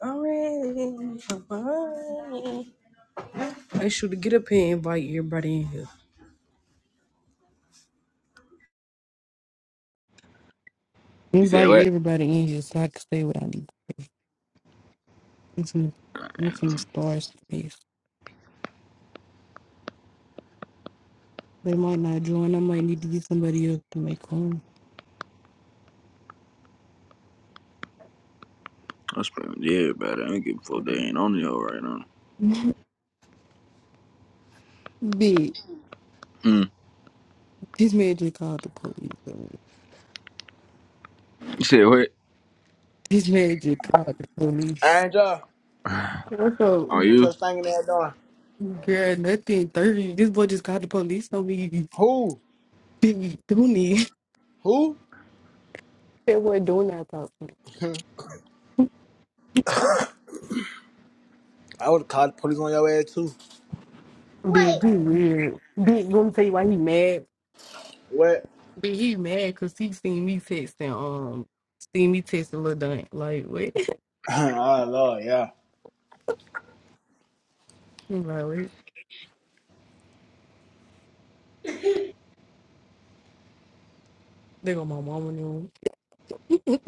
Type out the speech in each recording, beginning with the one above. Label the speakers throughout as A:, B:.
A: Alright, bye. I should get up here and invite everybody in here.
B: You said
A: Invite
B: what?
A: everybody in here so I can stay without me. I'm from, I'm from the stars space. They might not join. I might need to get somebody else to make room.
B: I spend with everybody. I don't give a fuck. They ain't on the hoe right now.
A: Big,
B: Mm.
A: this man just called the police. on me.
B: You said what?
A: This man just called the police.
C: Angel,
A: What's up?
B: On
C: what
B: you?
C: you stinking there doing?
A: Girl, nothing. 30. This boy just called the police on me.
C: Who?
A: Big, Dooney.
C: Who?
A: That boy doing that talk.
C: I would have called the police on your ass too.
A: Big,
C: What?
A: he weird. Big, gonna tell you why he mad. Big, he mad because he seen me texting, um, seen me texting Lil Dun. Like, wait.
C: Oh Lord, yeah.
A: I'm like, wait. They got my mama knew.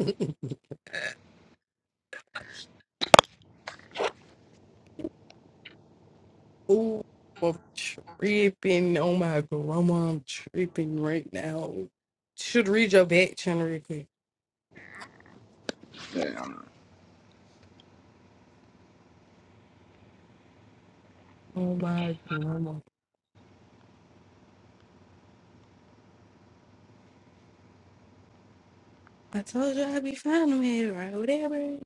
A: Ooh, I'm tripping. Oh my grandma, I'm tripping right now. Should read your back channel real quick.
B: Damn,
A: Oh my grandma. I told you I'd be fine with it right, whatever.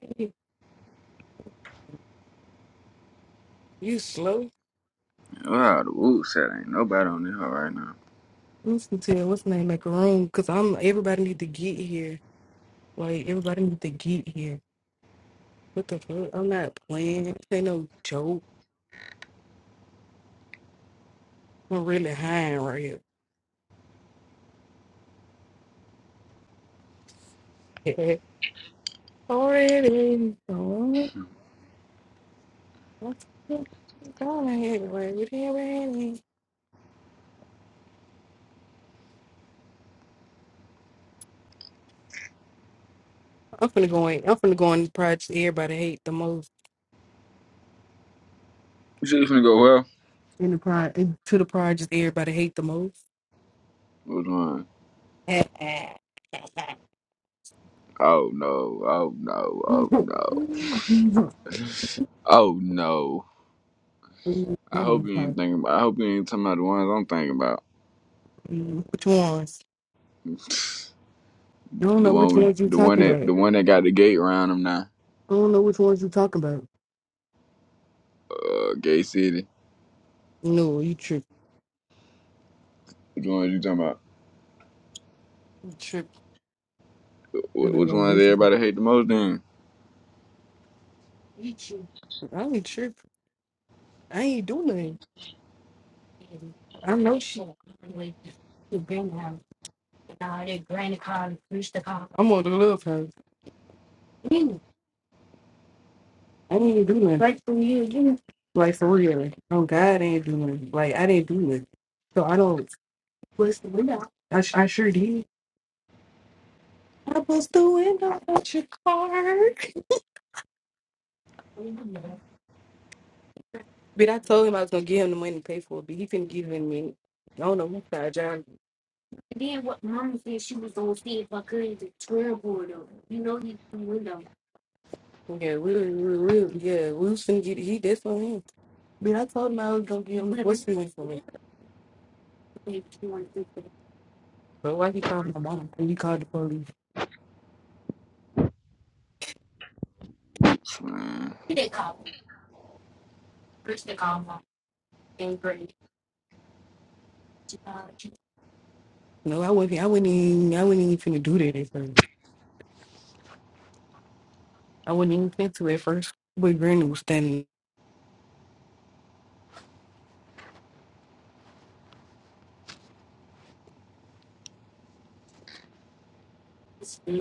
A: You slow.
B: wow, the woo said ain't nobody on this hoe right now.
A: Listen to it. What's the name? macaroon? cause I'm. Everybody need to get here. Like everybody need to get here. What the fuck? I'm not playing. This ain't no joke. I'm really high right here. Already. Oh,
B: Hmm.
A: that's- good. oh, anyway, we did already. I'm finna go in. I'm finna go in the project everybody hate the most.
B: You said you finna go well?
A: In the pro to the project everybody hate the most.
B: Which one?
A: which
B: Oh no, oh no, oh no, oh no. I hope you ain't thinking about I hope you ain't talking about the ones I'm thinking about.
A: ones? I don't
B: The
A: know
B: one
A: which
B: with
A: ones you
B: the one
A: talking
B: that
A: about. I
B: the one that got the gate around them now.
A: don't know which ones you talking about.
B: Uh Gay City.
A: No, you trip.
B: Which ones you talking about?
A: You trip.
B: Wh- Which ones everybody hate the most then?
A: You tripping. I ain't tripping. I ain't doing nothing. I know she. I'm on the love house. I didn't even do nothing. Like for real, yeah. Like for real. Oh God, I did do nothing. Like I didn't do nothing. So I don't. Bust the window. I, sh- I sure did. I bust the window out your car. But I told him I was gonna give him the money to pay for it, but he finna give it in a minute. I don't know who side job. And then what mama said she was gonna see if I could the twirl board up. You know he's the window. Yeah, we, we, we, yeah, we was finna get, he, that's on him. But I told him I was gonna get him, what's the name for me? But why he called my mom, and he called the police.
B: man.
A: No, I wasn't, I wasn't even, I wasn't even finna do that at first. I wasn't even finna to at first, but Granny was standing.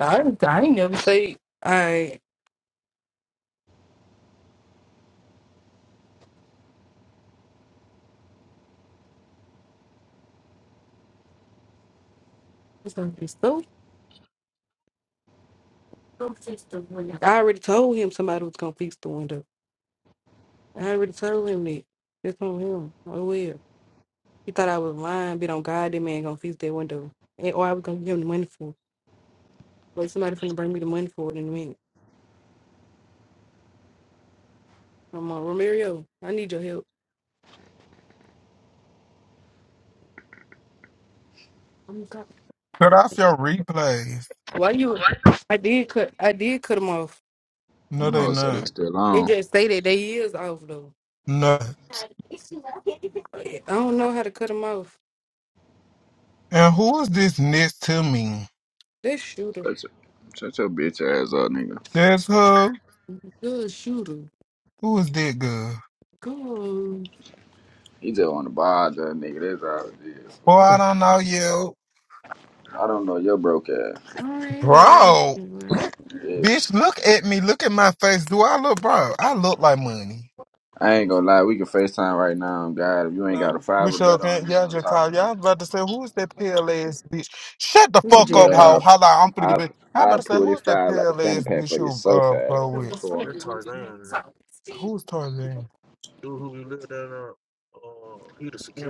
A: I, I ain't never say, I, was gonna fix the- go fix the window. I already told him somebody was gonna fix the window. I already told him that. That's on him. Oh well. He thought I was lying, but on God, that man gonna fix that window. And, or I was gonna give him the money for it. But somebody finna bring me the money for it in a minute. I'm on Romario, I need your help. I'm God.
D: Cut off your replays.
A: Why you I did cut I did cut him off.
D: No,
B: Them
D: they
B: hoes say they
D: not.
B: still
A: They
B: on.
A: just say that they is off though.
D: No.
A: I don't know how to cut him off.
D: And who is this next to me?
A: This shooter.
B: Shut your, shut your bitch ass up, nigga.
D: That's her.
A: Good shooter.
D: Who is that girl?
A: Go.
B: He just want to bother that nigga. That's all it is. fool.
D: Boy, I don't know you.
B: I don't know your broke ass.
A: Alrighty.
D: Bro.
A: Well,
B: Yes.
D: Bitch, look at me. Look at my face. Do I look, bro? I look like money.
B: I ain't gonna lie. We can FaceTime right now. God, if you ain't got a
D: Um, we
B: five or
D: sure
B: better on
D: can't.
B: you,
D: Y'all
B: don't
D: just
B: talk
D: call.
B: to me.
D: Y'all about to say, who's that pale ass bitch? Shut the
A: We can
B: I'm
D: fuck up,
B: blood
A: J5.
D: hoe.
B: out.
D: Hold on. I'm finna
B: I
D: get back. I about
B: I
D: to say,
B: pulled this
D: who's that
B: five out the
D: pale
B: fanny
D: ass
B: pack
D: bitch
B: for you
D: who
B: so
D: uh
B: fast.
D: blow
B: I'm
D: with?
B: cool.
D: They're Tarzan. Who's Tarzan?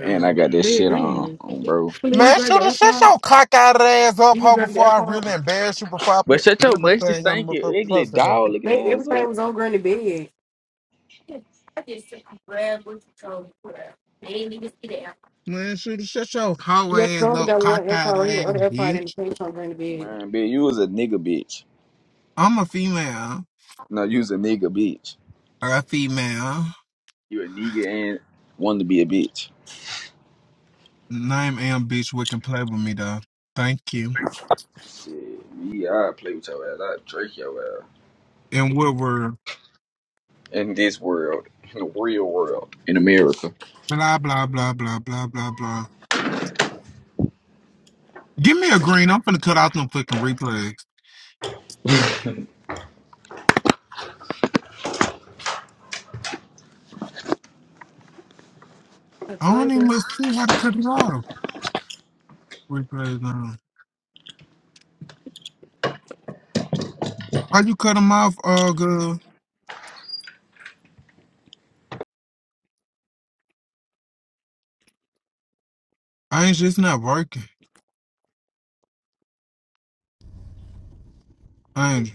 B: And I got this
A: They
B: shit
A: Granny
B: on,
A: house.
B: on bro.
A: Please, you
D: Man,
A: grabbed
D: shoot
A: the
D: her, shut
A: alcohol.
D: your cockeyed ass
A: You
D: up,
A: can
D: hoe,
A: grab the
D: before I
A: alcohol.
D: really embarrass you, before I
B: But
D: put
B: shut your musty,
D: everything on the
B: stinky,
D: motherfucking
B: ugly
D: poster though.
B: dog looking
A: They
B: ass
A: everything
B: up.
A: was on Granny bed. I just took a grab with control. They didn't even see the alcohol.
D: Man, shoot her, shut your hoe
A: Yeah,
D: ass
A: Trump
D: up,
A: got
D: cockeyed
A: one alcohol right here. The
D: ass,
A: other alcohol in the
D: bitch.
A: pants on Granny bed.
B: Man, bitch, you was a nigga bitch.
D: I'm a female,
B: No, you was a nigga bitch.
D: or a female.
B: You a nigga and wanted to be a bitch.
D: Name am bitch, we can play with me though. Thank you.
B: Shit, me, I play with your ass. I drink your ass.
D: And what word?
B: In this world, in the real world, in America.
D: Blah, blah, blah, blah, blah, blah, blah. Give me a green, I'm finna cut out them fucking replays.
A: I
D: I
A: told
D: don't even
A: her.
D: must see how to cut it off. Replays, now. How you cut them off, uh, girl? I ain't just not working. Andrew